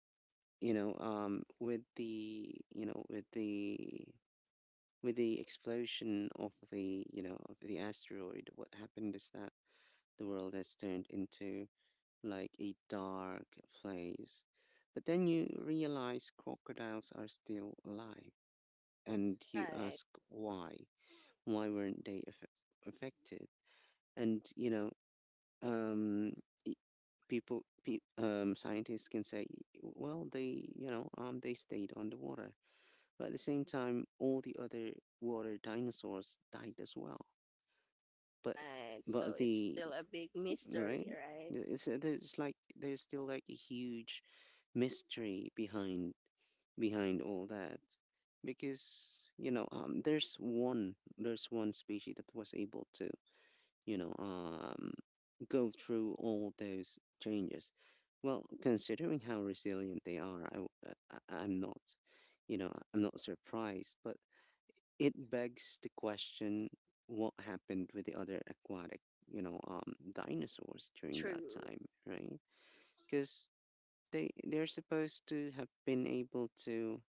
Speaker 1: with the, with the explosion of the, of the asteroid, what happened is that the world has turned into like a dark place. But then you realize crocodiles are still alive and you
Speaker 2: right,
Speaker 1: ask why weren't they aff- affected? And, um scientists can say, well, they, they stayed underwater. But at the same time all the other water dinosaurs died as well. But
Speaker 2: right. So
Speaker 1: but
Speaker 2: it's
Speaker 1: the
Speaker 2: still a big
Speaker 1: right
Speaker 2: mystery, right?
Speaker 1: Yeah, it's there's like, there's still like a huge mystery behind, all that. Because, there's one species that was able to, you know, um, go through all those changes. Well, considering how resilient they are, I'm not, you know, I'm not surprised, but it begs the question what happened with the other aquatic, dinosaurs during that
Speaker 2: True,
Speaker 1: time, right? Because they're supposed to have been able to,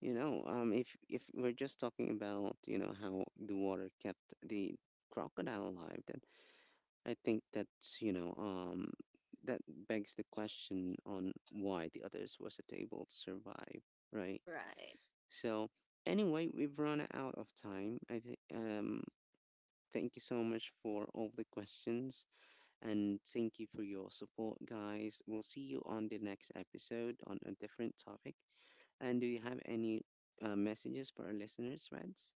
Speaker 1: if we're just talking about, you know, how the water kept the crocodile alive, then I think that's, that begs the question on why the others wasn't able to survive, right?
Speaker 2: right.
Speaker 1: So anyway, we've run out of time. I think, thank you so much for all the questions and thank you for your support, guys. We'll see you on the next episode on a different topic. And do you have any messages for our listeners, Reds?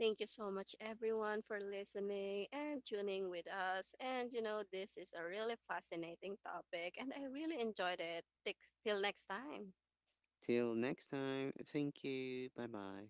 Speaker 2: Thank you so much, everyone, for listening and tuning with us. And you know, this is a really fascinating topic, and I really enjoyed it. Till next time.
Speaker 1: Till next time, thank you. Bye bye.